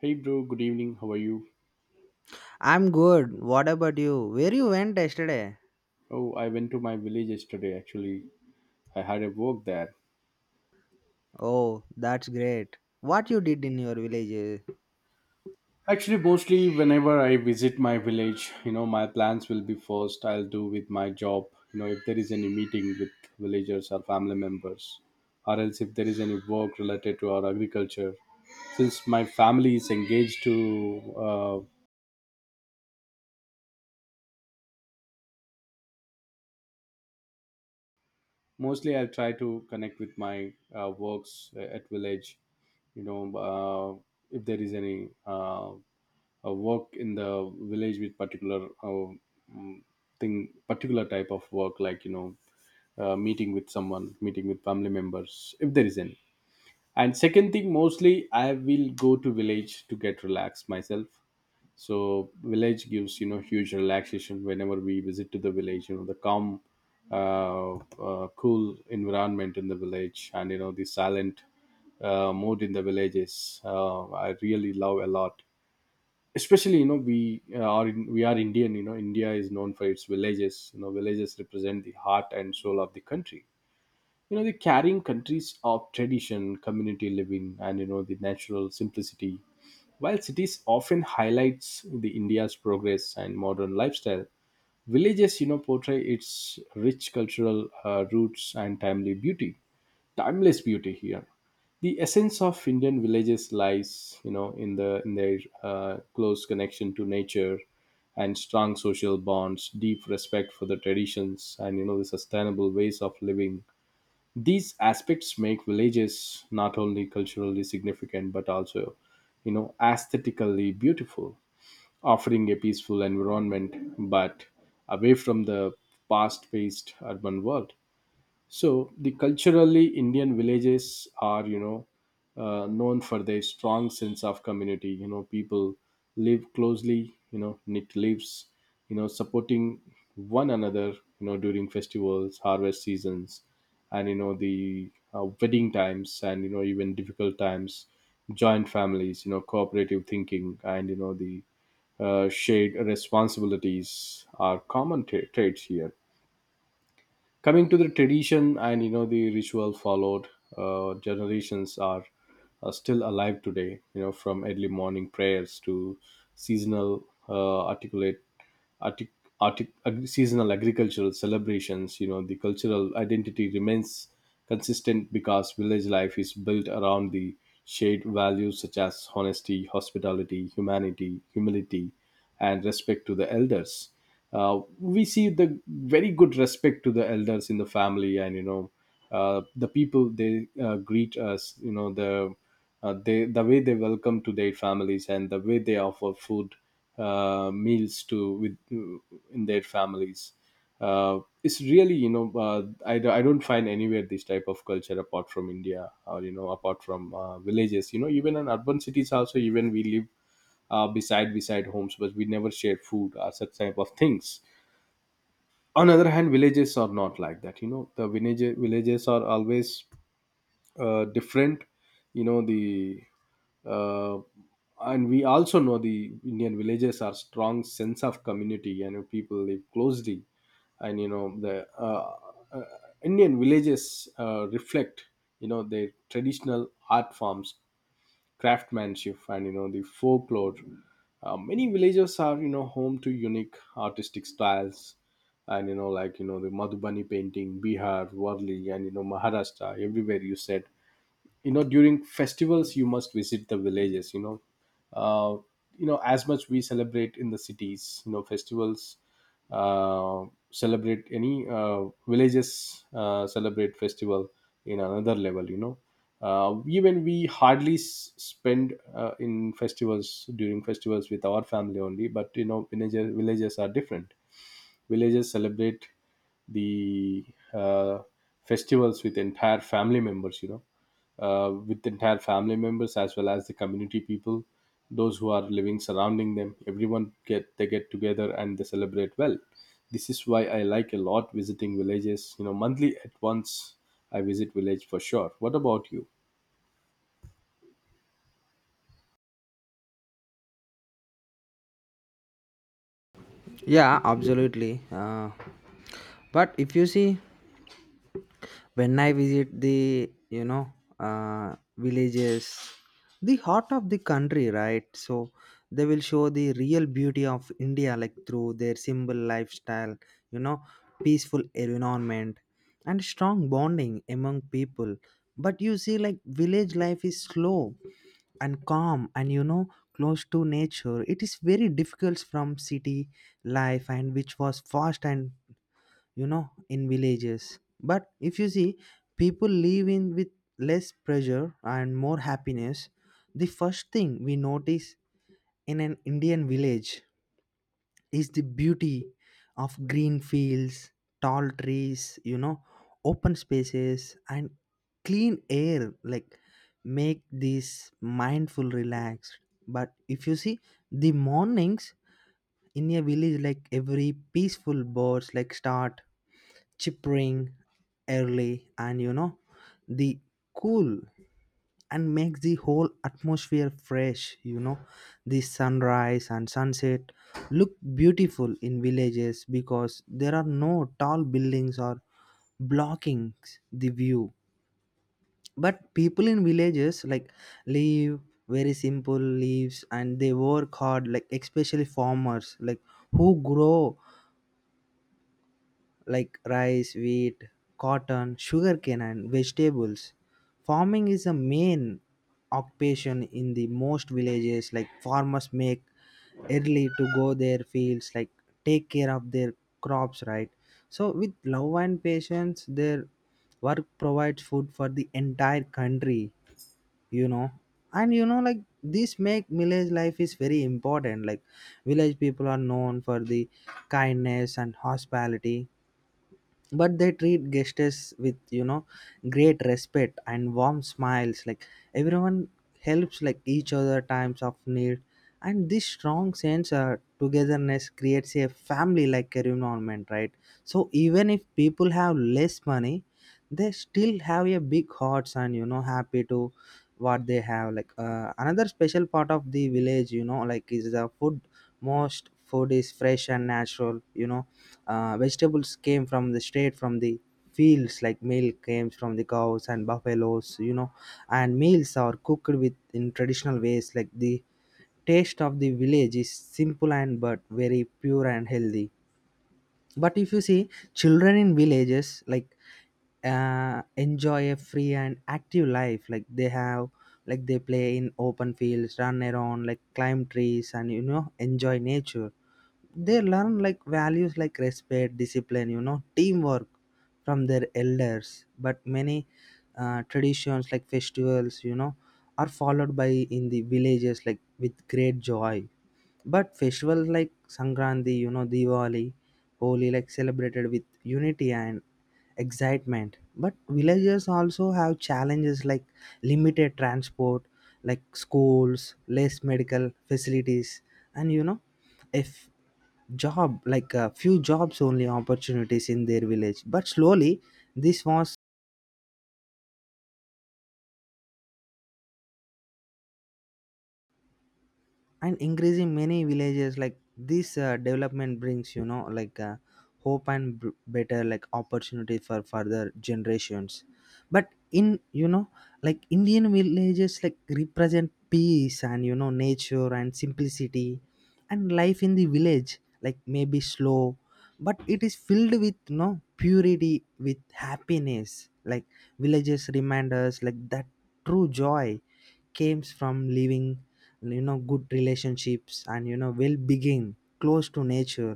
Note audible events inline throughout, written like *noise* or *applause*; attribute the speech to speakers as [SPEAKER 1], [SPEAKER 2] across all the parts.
[SPEAKER 1] Hey bro, good evening. How are you?
[SPEAKER 2] I'm good. What about you? Where you went yesterday?
[SPEAKER 1] Oh, I went to my village yesterday. Actually, I had a work there.
[SPEAKER 2] Oh, that's great. What you did in your village?
[SPEAKER 1] Actually, mostly whenever I visit my village, my plans will be first I'll do with my job. You know, if there is any meeting with villagers or family members, or else if there is any work related to our agriculture. Since my family is engaged to, mostly I'll try to connect with my works at village if there is any work in the village with particular mm, thing, particular type of work, like meeting with someone, meeting with family members if there is any. And second thing, mostly I will go to village to get relaxed myself. So village gives, you know, huge relaxation whenever we visit to the village, you know, the calm uh, cool environment in the village, and you know the silent mode in the villages I really love a lot. Especially, you know, we we are Indian. You know, India is known for its villages. You know, villages represent the heart and soul of the country. You know, they're carrying countries of tradition, community living, and you know the natural simplicity. While cities often highlights the India's progress and modern lifestyle, villages, you know, portray its rich cultural roots and timely beauty timeless beauty here. The essence of Indian villages lies, you know, in their close connection to nature and strong social bonds, deep respect for the traditions, and you know the sustainable ways of living. These aspects make villages not only culturally significant, but also, you know, aesthetically beautiful, offering a peaceful environment but away from the fast-paced urban world. So the culturally Indian villages are, you know, known for their strong sense of community. You know, people live closely, you know, knit lives, you know, supporting one another, you know, during festivals, harvest seasons, and you know the wedding times, and you know even difficult times, joint families, you know, cooperative thinking, and you know the shared responsibilities are common traits here. Coming to the tradition and you know the ritual followed generations are still alive today. You know, from early morning prayers to seasonal articulate artic, artic, ag- seasonal agricultural celebrations, you know the cultural identity remains consistent because village life is built around the shared values such as honesty, hospitality, humanity, humility, and respect to the elders. We see the very good respect to the elders in the family, and you know, the people they greet us. You know, the they, the way they welcome to their families, and the way they offer food, meals to with in their families. It's really, you know, I, I don't find anywhere this type of culture apart from India, or you know apart from villages. You know, even in urban cities also, even we live beside homes, but we never shared food or such type of things. On the other hand, villages are not like that. You know, the villages are always different. You know the uh, and we also know the Indian villages are strong sense of community and people live closely, and you know the uh, Indian villages reflect, you know, their traditional art forms, craftsmanship, and you know the folklore. Uh, many villages are, you know, home to unique artistic styles and you know, like you know the Madhubani painting, Bihar, Warli, and you know Maharashtra, everywhere you said. You know, during festivals you must visit the villages, you know, uh, you know, as much we celebrate in the cities, you know, festivals uh, celebrate any villages celebrate festival in another level. You know, even we hardly spend in festivals during festivals with our family only, but you know villages are different. Villages celebrate the uh, festivals with entire family members, you know, with entire family members as well as the community people, those who are living surrounding them. Everyone get they get together and they celebrate well. This is why I like a lot visiting villages. You know, monthly at once I visit village for sure. What about you?
[SPEAKER 2] Yeah, absolutely. But if you see, when I visit the villages, the heart of the country, right? So they will show the real beauty of India, like through their simple lifestyle, you know, peaceful environment, and strong bonding among people. But you see, like village life is slow and calm, and you know, close to nature. It is very difficult from city life and which was fast, and you know, in villages. But if you see, people live in with less pressure and more happiness. The first thing we notice in an Indian village is the beauty of green fields, tall trees, you know, open spaces, and clean air. Like, make this mindful, relaxed. But if you see the mornings in a village, like every peaceful birds, like start chirping early, and you know, the cool and makes the whole atmosphere fresh. You know, the sunrise and sunset look beautiful in villages because there are no tall buildings or blocking the view. But people in villages like live very simple lives and they work hard, like especially farmers, like who grow like rice, wheat, cotton, sugarcane, and vegetables. Farming is a main occupation in the most villages. Like farmers make early to go their fields, like take care of their crops, right? So with love and patience, their work provides food for the entire country. You know, and you know, like this make village life is very important. Like village people are known for the kindness and hospitality, but they treat guests with, you know, great respect and warm smiles, like everyone helps like each other times of need, and this strong sense of togetherness creates a family like environment, right? So even if people have less money, they still have a big hearts and, you know, happy to what they have. Like another special part of the village, you know, like is the food. Most food is fresh and natural. You know, vegetables came from the straight from the fields, like milk came from the cows and buffaloes, you know, and meals are cooked with in traditional ways. Like the taste of the village is simple and but very pure and healthy. But if you see children in villages, like enjoy a free and active life. Like they have like they play in open fields, run around, like climb trees, and you know, enjoy nature. They learn like values like respect, discipline, you know, teamwork from their elders. But many traditions like festivals, you know, are followed by in the villages like with great joy. But festivals like Sankranti, you know, Diwali, Holi, like celebrated with unity and excitement. But villagers also have challenges like limited transport, like schools, less medical facilities, and you know, if job like a few jobs only opportunities in their village. But slowly, this was and increasing many villages like this development brings, you know, like hope and better like opportunity for further generations. But in, you know, like Indian villages like represent peace and, you know, nature and simplicity, and life in the village like maybe slow, but it is filled with, you know, purity with happiness. Like villages remind us like that true joy comes from living, you know, good relationships and, you know, well being close to nature.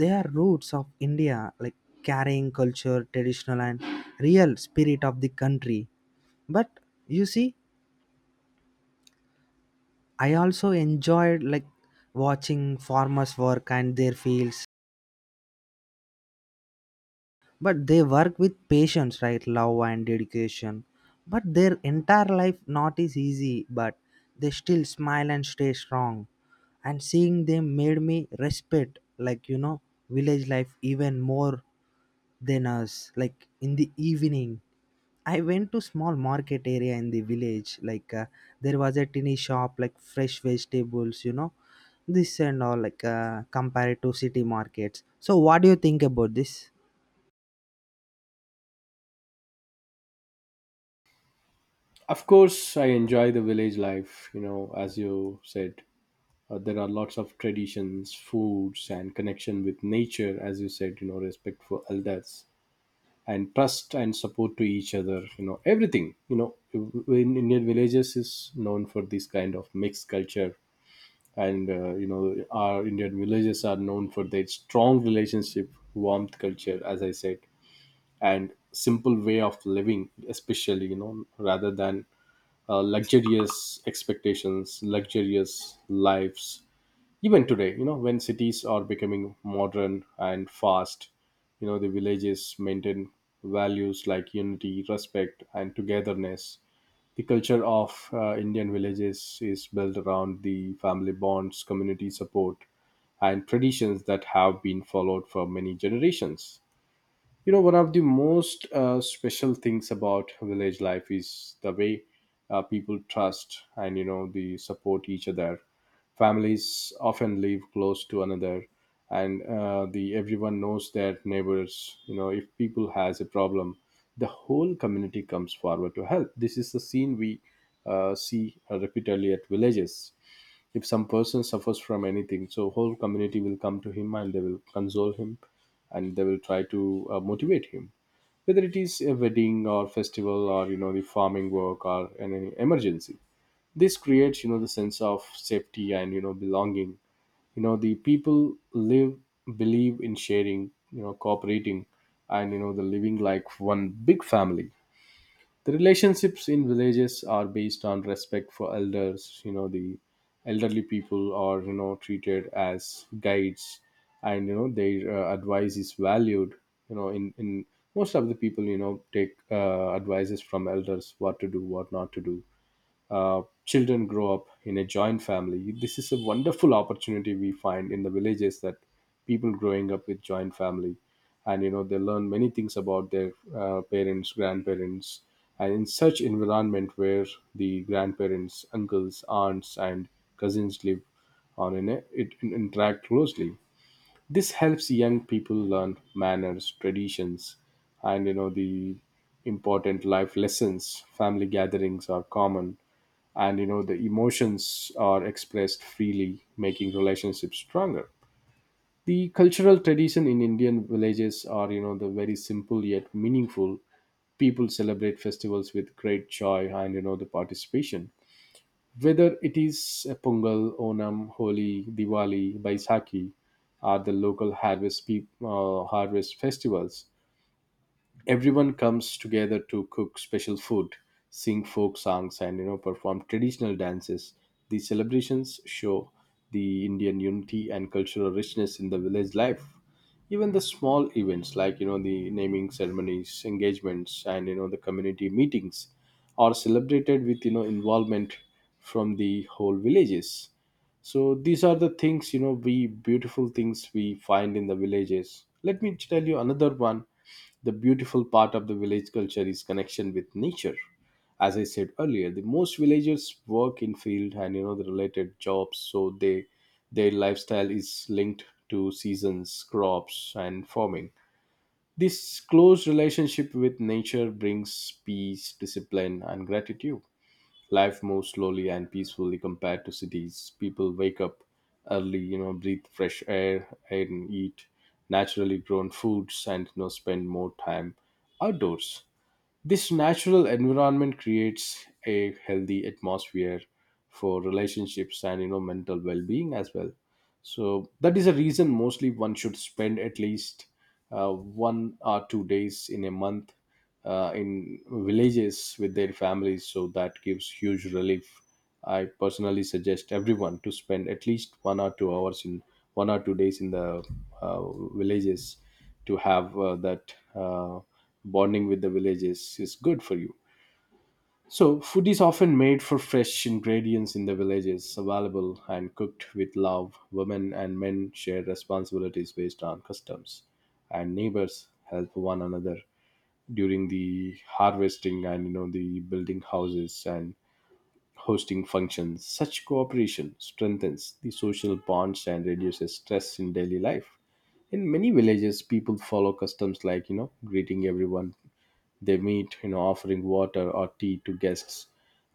[SPEAKER 2] They are roots of India, like carrying culture, traditional, and real spirit of the country. But you see, I also enjoyed like watching farmers work and their fields. But they work with patience, right, love and dedication. But their entire life not is easy, but they still smile and stay strong, and seeing them made me respect, like, you know, village life even more than us. Like in the evening, I went to small market area in the village. Like there was a tiny shop, like fresh vegetables, you know, this and all, like compared to city markets. So, what do you think about this?
[SPEAKER 1] Of course I enjoy the village life. You know, as you said, there are lots of traditions, foods, and connection with nature. As you said, you know, respect for elders, and trust and support to each other. You know, everything, you know, in Indian villages is known for this kind of mixed culture. And you know, our Indian villages are known for their strong relationship, warmth culture, as I said, and simple way of living, especially, you know, rather than luxurious expectations, luxurious lives. Even today, you know, when cities are becoming modern and fast, you know the villages maintain values like unity, respect, and togetherness. The culture of Indian villages is built around the family bonds, community support, and traditions that have been followed for many generations. You know, one of the most special things about village life is the way people trust and, you know, they support each other. Families often live close to another, and the everyone knows their neighbors. You know, if people has a problem, the whole community comes forward to help. This is the scene we see repeatedly at villages. If some person suffers from anything, so whole community will come to him and they will console him, and they will try to motivate him. Whether it is a wedding or festival or you know the farming work or any emergency, this creates, you know, the sense of safety and you know belonging. You know, the people live, believe in sharing, you know, cooperating, and you know the living like one big family. The relationships in villages are based on respect for elders. You know the elderly people are, you know, treated as guides, and you know their advice is valued. You know, in most of the people, you know, take advices from elders, what to do, what not to do. Uh, children grow up in a joint family. This is a wonderful opportunity we find in the villages, that people growing up with joint family, and you know they learn many things about their parents, grandparents, and in such environment where the grandparents, uncles, aunts, and cousins live it interact closely. This helps young people learn manners, traditions, and you know the important life lessons. Family gatherings are common, and you know the emotions are expressed freely, making relationships stronger. The cultural tradition in Indian villages are, you know, the very simple yet meaningful. People celebrate festivals with great joy and you know the participation, whether it is Pongal, Onam, Holi, Diwali, Baisakhi, or the local harvest, harvest festivals. Everyone comes together to cook special food, sing folk songs, and you know perform traditional dances. These celebrations show the Indian unity and cultural richness in the village life. Even the small events like you know the naming ceremonies, engagements, and you know the community meetings are celebrated with you know involvement from the whole villages. So these are the things, you know, we, beautiful things we find in the villages. Let me tell you another one. The beautiful part of the village culture is connection with nature. As I said earlier, the most villagers work in field and you know the related jobs, so they, their lifestyle is linked to seasons, crops, and farming. This close relationship with nature brings peace, discipline, and gratitude. Life moves slowly and peacefully compared to cities. People wake up early, you know, breathe fresh air and eat naturally grown foods, and you know spend more time outdoors. This natural environment creates a healthy atmosphere for relationships and you know mental well-being as well. So that is a reason mostly one should spend at least 1 or 2 days in a month in villages with their families. So that gives huge relief. I personally suggest everyone to spend at least 1 or 2 hours in 1 or 2 days in the villages to have that bonding with the villages is good for you. So, food is often made for fresh ingredients in the villages, available and cooked with love. Women and men share responsibilities based on customs, and neighbors help one another during the harvesting, and you know the building houses and hosting functions. Such cooperation strengthens the social bonds and reduces stress in daily life. In many villages, people follow customs like you know greeting everyone they meet, you know, offering water or tea to guests,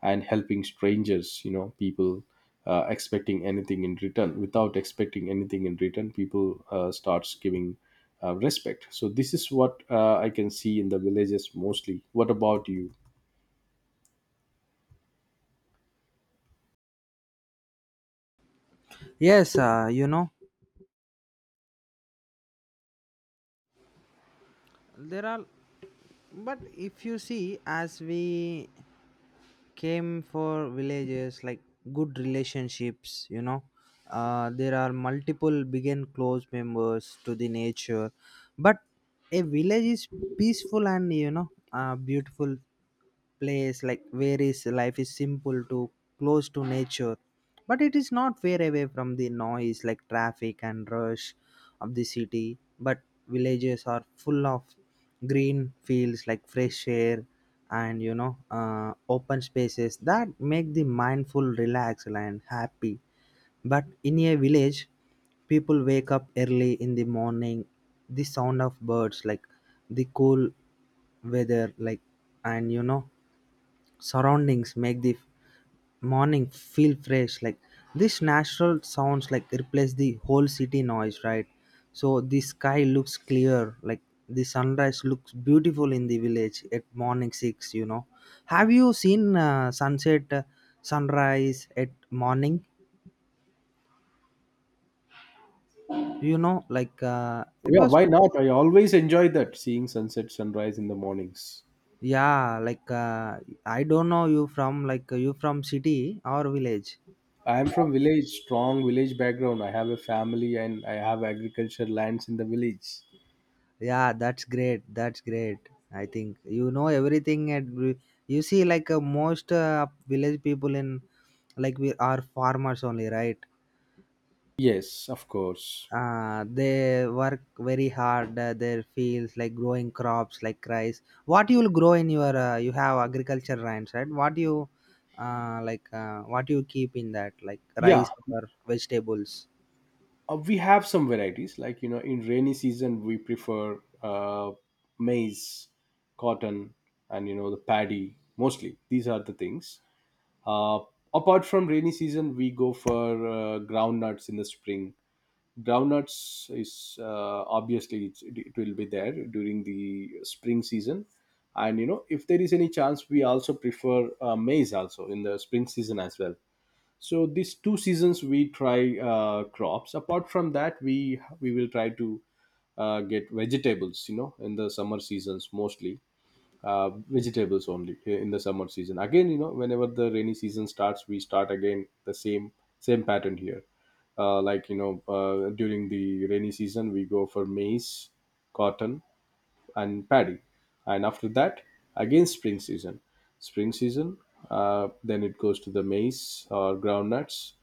[SPEAKER 1] and helping strangers. You know, people expecting anything in return. Without expecting anything in return, people starts giving respect. So this is what I can see in the villages mostly. What about you?
[SPEAKER 2] Yes, you know, there are, but if you see, as we came for villages like good relationships, you know, there are multiple big and close members to the nature. But a village is peaceful and, you know, beautiful place like where is life is simple to close to nature. But it is not far away from the noise like traffic and rush of the city. But villages are full of green feels like fresh air and, you know, open spaces that make the mindful, relaxed and happy. But in a village, people wake up early in the morning. The sound of birds like the cool weather like, and you know, surroundings make the morning feel fresh, like this natural sounds like replace the whole city noise, right? So the sky looks clear, like the sunrise looks beautiful in the village at morning 6, you know. Have you seen sunset sunrise at morning, you know, like it
[SPEAKER 1] Yeah,
[SPEAKER 2] was?
[SPEAKER 1] why not? I always enjoy that seeing sunset, sunrise in the mornings.
[SPEAKER 2] Yeah, like I don't know you from, like you from city or village?
[SPEAKER 1] I am from village, strong village background. I have a family and I have agriculture lands in the village.
[SPEAKER 2] Yeah, that's great. That's great. I think you know everything, and you see, like most village people in like we are farmers only, right?
[SPEAKER 1] Yes, of course.
[SPEAKER 2] They work very hard. Their fields, like growing crops, like rice. What you will grow in your you have agriculture lands, right? What you like? What you keep in that, like rice
[SPEAKER 1] Yeah,
[SPEAKER 2] or vegetables?
[SPEAKER 1] we have some varieties. Like you know, in rainy season, we prefer maize, cotton, and you know the paddy mostly. These are the things. Uh, Apart from rainy season, we go for groundnuts in the spring. Groundnuts is obviously it will be there during the spring season. And you know, if there is any chance, we also prefer maize also in the spring season as well. So these two seasons we try crops. Apart from that, we will try to get vegetables, you know, in the summer seasons mostly. Vegetables only in the summer season. Again, you know, whenever the rainy season starts, we start again the same pattern here. Like you know, during the rainy season, we go for maize, cotton, and paddy. And after that, again spring season. Spring season, then it goes to the maize or groundnuts.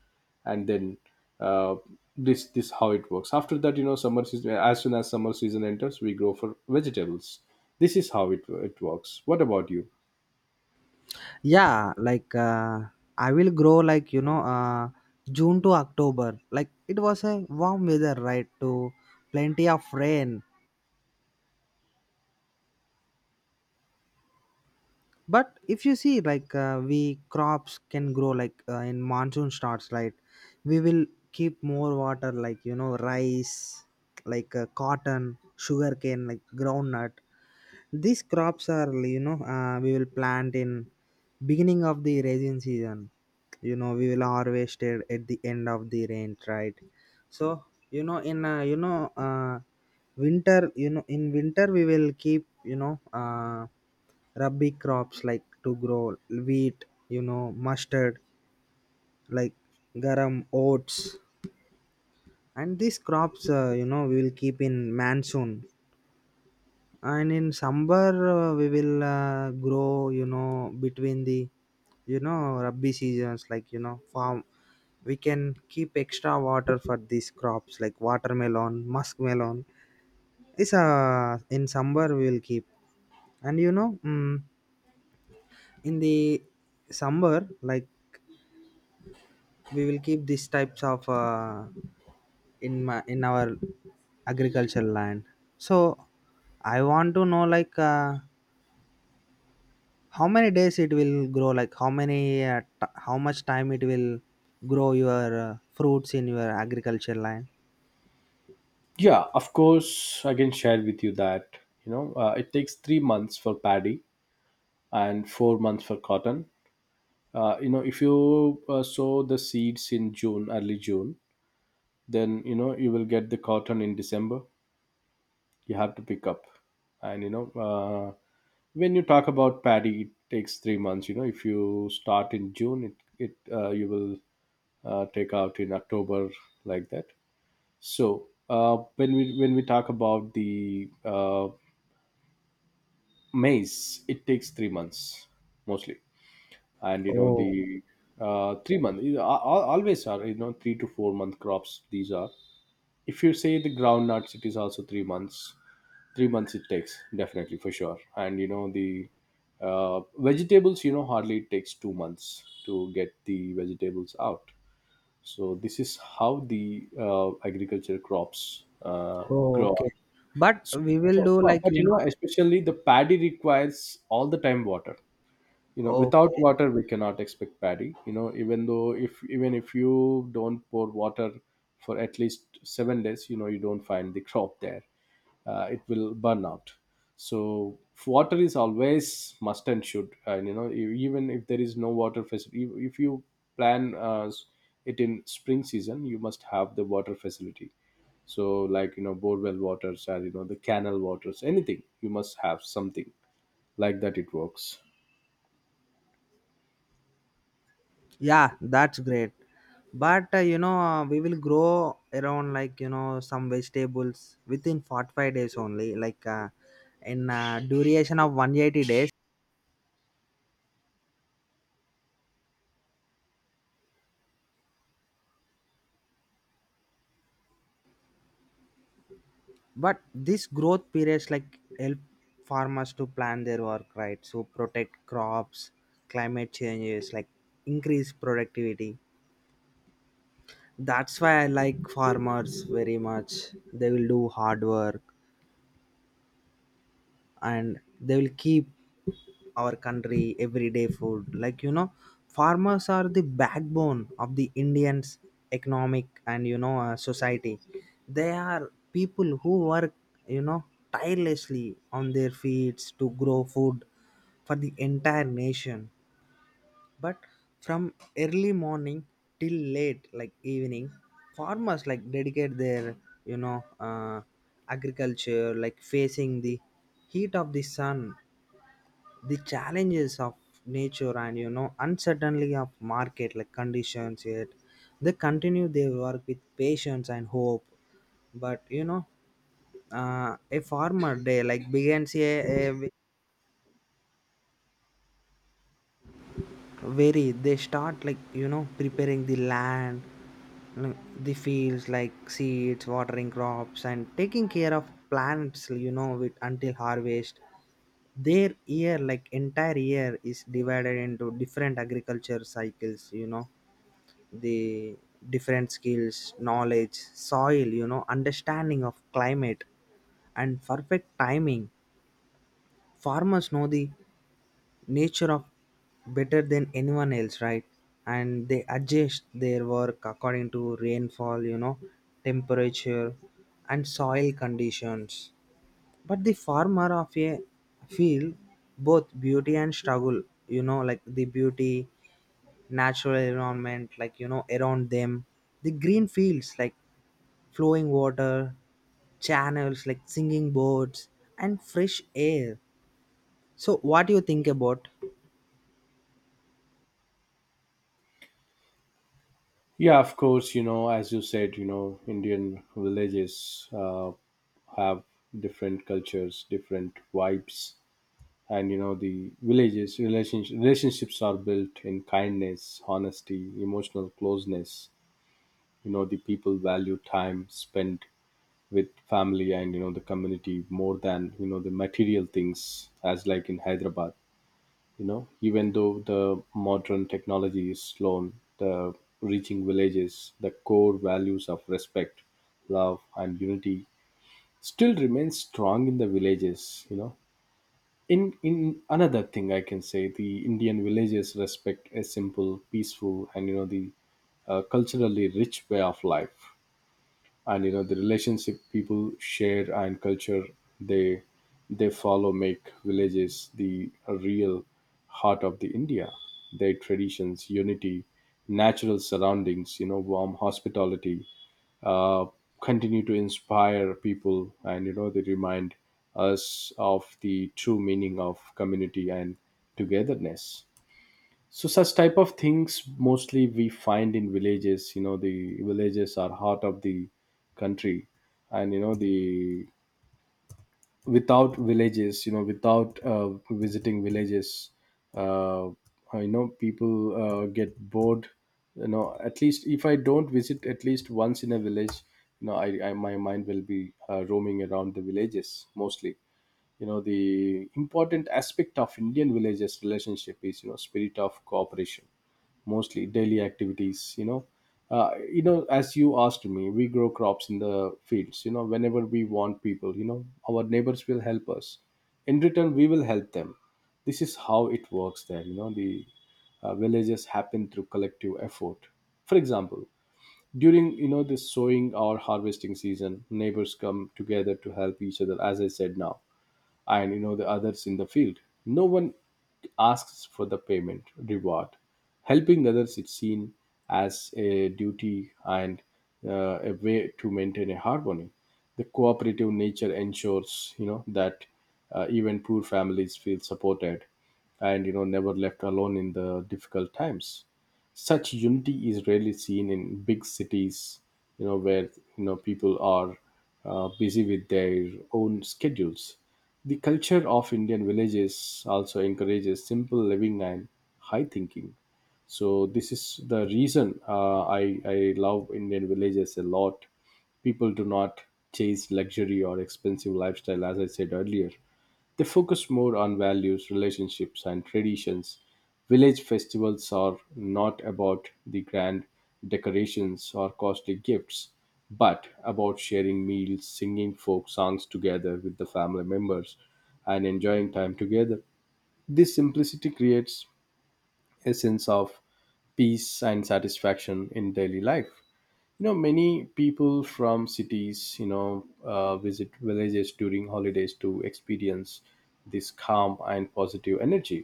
[SPEAKER 1] And then, uh, this how it works. After that, you know, summer season. As soon as summer season enters, we go for vegetables. This is how it works. What about you?
[SPEAKER 2] Yeah, like I will grow, like you know, june to october, like it was a warm weather, right, to plenty of rain. But if you see, like we crops can grow, like in monsoon starts, right? We will keep more water, like you know, rice, like cotton, sugarcane, like groundnut. These crops are, you know, we will plant in beginning of the rain season. You know, we will harvest it at the end of the rain, right? So you know, in winter, you know, in winter we will keep, you know, rubby crops like to grow wheat, you know, mustard, like garam, oats, and these crops you know, we will keep in monsoon. And in summer, we will grow, you know, between the, you know, rabbi seasons, like, you know, farm. We can keep extra water for these crops like watermelon, muskmelon. It's in summer we will keep. And you know, in the summer, like we will keep these types of in my in our agricultural land. So I want to know like. How many days it will grow, like how many how much time it will grow your fruits in your agriculture land?
[SPEAKER 1] Yeah, of course, I can share with you that, you know, it takes 3 months for paddy and 4 months for cotton. Uh, you know, if you sow the seeds in June, early June, then you know you will get the cotton in December. You have to pick up. And you know, when you talk about paddy, it takes 3 months. You know, if you start in June, it you will take out in October. Like that. So when we talk about the maize, it takes 3 months mostly. And you know
[SPEAKER 2] Oh.
[SPEAKER 1] the 3 month, always are, you know, 3 to 4 month crops, these are. If you say the groundnuts, it is also 3 months. 3 months it takes, definitely, for sure. And you know the uh, vegetables, you know, hardly it takes 2 months to get the vegetables out. So this is how the agriculture crops
[SPEAKER 2] Oh,
[SPEAKER 1] grow.
[SPEAKER 2] okay. But
[SPEAKER 1] So,
[SPEAKER 2] we will do like
[SPEAKER 1] but
[SPEAKER 2] you
[SPEAKER 1] you know,
[SPEAKER 2] know.
[SPEAKER 1] especially the paddy requires all the time water. You know, without
[SPEAKER 2] Okay.
[SPEAKER 1] water we cannot expect paddy. You know, even though if even if you don't pour water for at least 7 days, you know, you don't find the *laughs* crop there. It will burn out. So water is always must and should. And you know, even if there is no water facility, if you plan it in spring season, you must have the water facility. So, like you know, borewell waters, or you know, the canal waters, anything, you must have something like that, it works.
[SPEAKER 2] Yeah, that's great. But you know, we will grow around, like you know, some vegetables within 45 days only, like in duration of 180 days. But this growth periods like help farmers to plan their work, right, so protect crops, climate changes, like increase productivity. That's why I like farmers very much. They will do hard work, and they will keep our country everyday food, like you know, farmers are the backbone of the Indians economic and, you know, society. They are people who work, you know, tirelessly on their feet to grow food for the entire nation. But from early morning till late like evening, farmers like dedicate their, you know, agriculture, like facing the heat of the sun, the challenges of nature, and you know, uncertainty of market, like conditions. Yet they continue their work with patience and hope. But you know, a farmer day like begins a very they start, like you know, preparing the land, like, the fields, like seeds, watering crops, and taking care of plants, you know, with until harvest. Their year like entire year is divided into different agriculture cycles, you know, the different skills, knowledge, soil, you know, understanding of climate and perfect timing. Farmers know the nature of better than anyone else, right? And they adjust their work according to rainfall, you know, temperature, and soil conditions. But the farmer of a field, both beauty and struggle, you know, like the beauty natural environment, like you know, around them, the green fields like flowing water channels, like singing birds and fresh air. So, what do you think about?
[SPEAKER 1] Yeah, of course, you know, as you said, you know, Indian villages have different cultures, different vibes, and you know, the villages relationships are built in kindness, honesty, emotional closeness. You know, the people value time spent with family and, you know, the community more than, you know, the material things, as like in Hyderabad. You know, even though the modern technology is slow, the reaching villages, the core values of respect, love, and unity still remain strong in the villages, you know. In another thing I can say, the Indian villages respect a simple, peaceful, and you know the culturally rich way of life. And you know, the relationship people share and culture they they follow make villages the real heart of the India. Their traditions, unity, natural surroundings, you know, warm hospitality, uh, continue to inspire people. And you know, they remind us of the true meaning of community and togetherness. So such type of things mostly we find in villages, you know. The villages are heart of the country. And you know, the without villages, you know, without visiting villages, uh, uh, you know, people get bored. You know, at least if I don't visit at least once in a village, you know, I, my mind will be roaming around the villages mostly. You know, the important aspect of Indian villages relationship is, you know, spirit of cooperation. Mostly daily activities, you know, you know, as you asked me, we grow crops in the fields. You know, whenever we want people, you know, our neighbors will help us. In return, we will help them. This is how it works there. You know, the villages happen through collective effort. For example, during, you know, this sowing or harvesting season, neighbors come together to help each other, as I said now. And you know, the others in the field, no one asks for the payment reward. Helping others is seen as a duty and a way to maintain a harmony. The cooperative nature ensures, you know, that even poor families feel supported, and you know, never left alone in the difficult times. Such unity is rarely seen in big cities, you know, where, you know, people are busy with their own schedules. The culture of Indian villages also encourages simple living and high thinking. So this is the reason I love Indian villages a lot. People do not chase luxury or expensive lifestyle, as I said earlier. They focus more on values, relationships, and traditions. Village festivals are not about the grand decorations or costly gifts, but about sharing meals, singing folk songs together with the family members, and enjoying time together. This simplicity creates a sense of peace and satisfaction in daily life. You know, many people from cities, you know, visit villages during holidays to experience this calm and positive energy.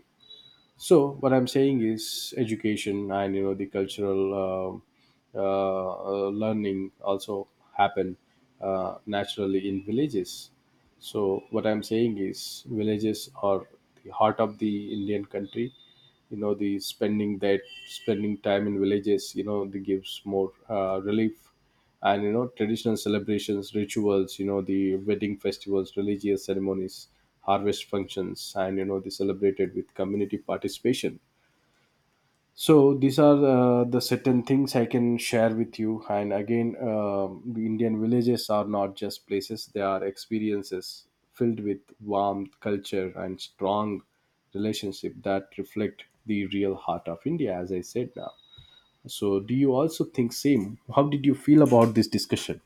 [SPEAKER 1] So what I'm saying is, education and you know the cultural learning also happen naturally in villages. So what I'm saying is, villages are the heart of the Indian country. You know, the spending time in villages, you know, the gives more relief. And you know, traditional celebrations, rituals, you know, the wedding festivals, religious ceremonies, harvest functions, and you know, they celebrated with community participation. So these are the certain things I can share with you. And again, the Indian villages are not just places; they are experiences filled with warmth, culture, and strong relationship that reflect the real heart of India, as I said now. So, do you also think same? How did you feel about this discussion?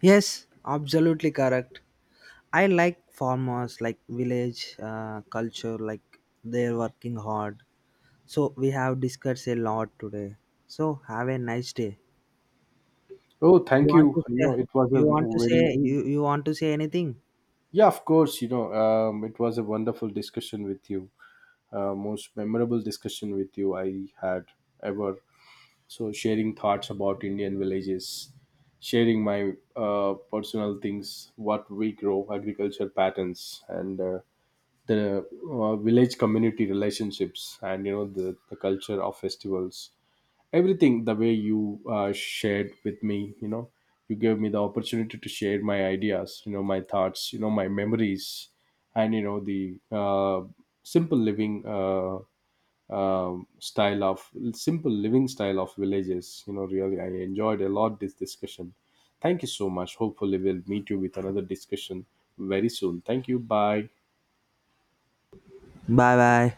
[SPEAKER 2] Yes, absolutely correct. I like farmers, like village culture, like they're working hard. So, we have discussed a lot today. So, have a nice day.
[SPEAKER 1] Oh,
[SPEAKER 2] You
[SPEAKER 1] thank
[SPEAKER 2] want
[SPEAKER 1] you.
[SPEAKER 2] to
[SPEAKER 1] You
[SPEAKER 2] say?
[SPEAKER 1] know, it was a very
[SPEAKER 2] You want to say anything?
[SPEAKER 1] yeah, of course. You know, it was a wonderful discussion with you. Most memorable discussion with you I had ever. So sharing thoughts about Indian villages, sharing my personal things, what we grow, agriculture patterns, and the village community relationships, and you know the culture of festivals, everything the way you shared with me. You know, you gave me the opportunity to share my ideas, you know, my thoughts, you know, my memories, and you know the simple living style of simple living style of villages. You know, really I enjoyed a lot this discussion. Thank you so much. Hopefully we'll meet you with another discussion very soon. Thank you, bye.
[SPEAKER 2] Bye bye.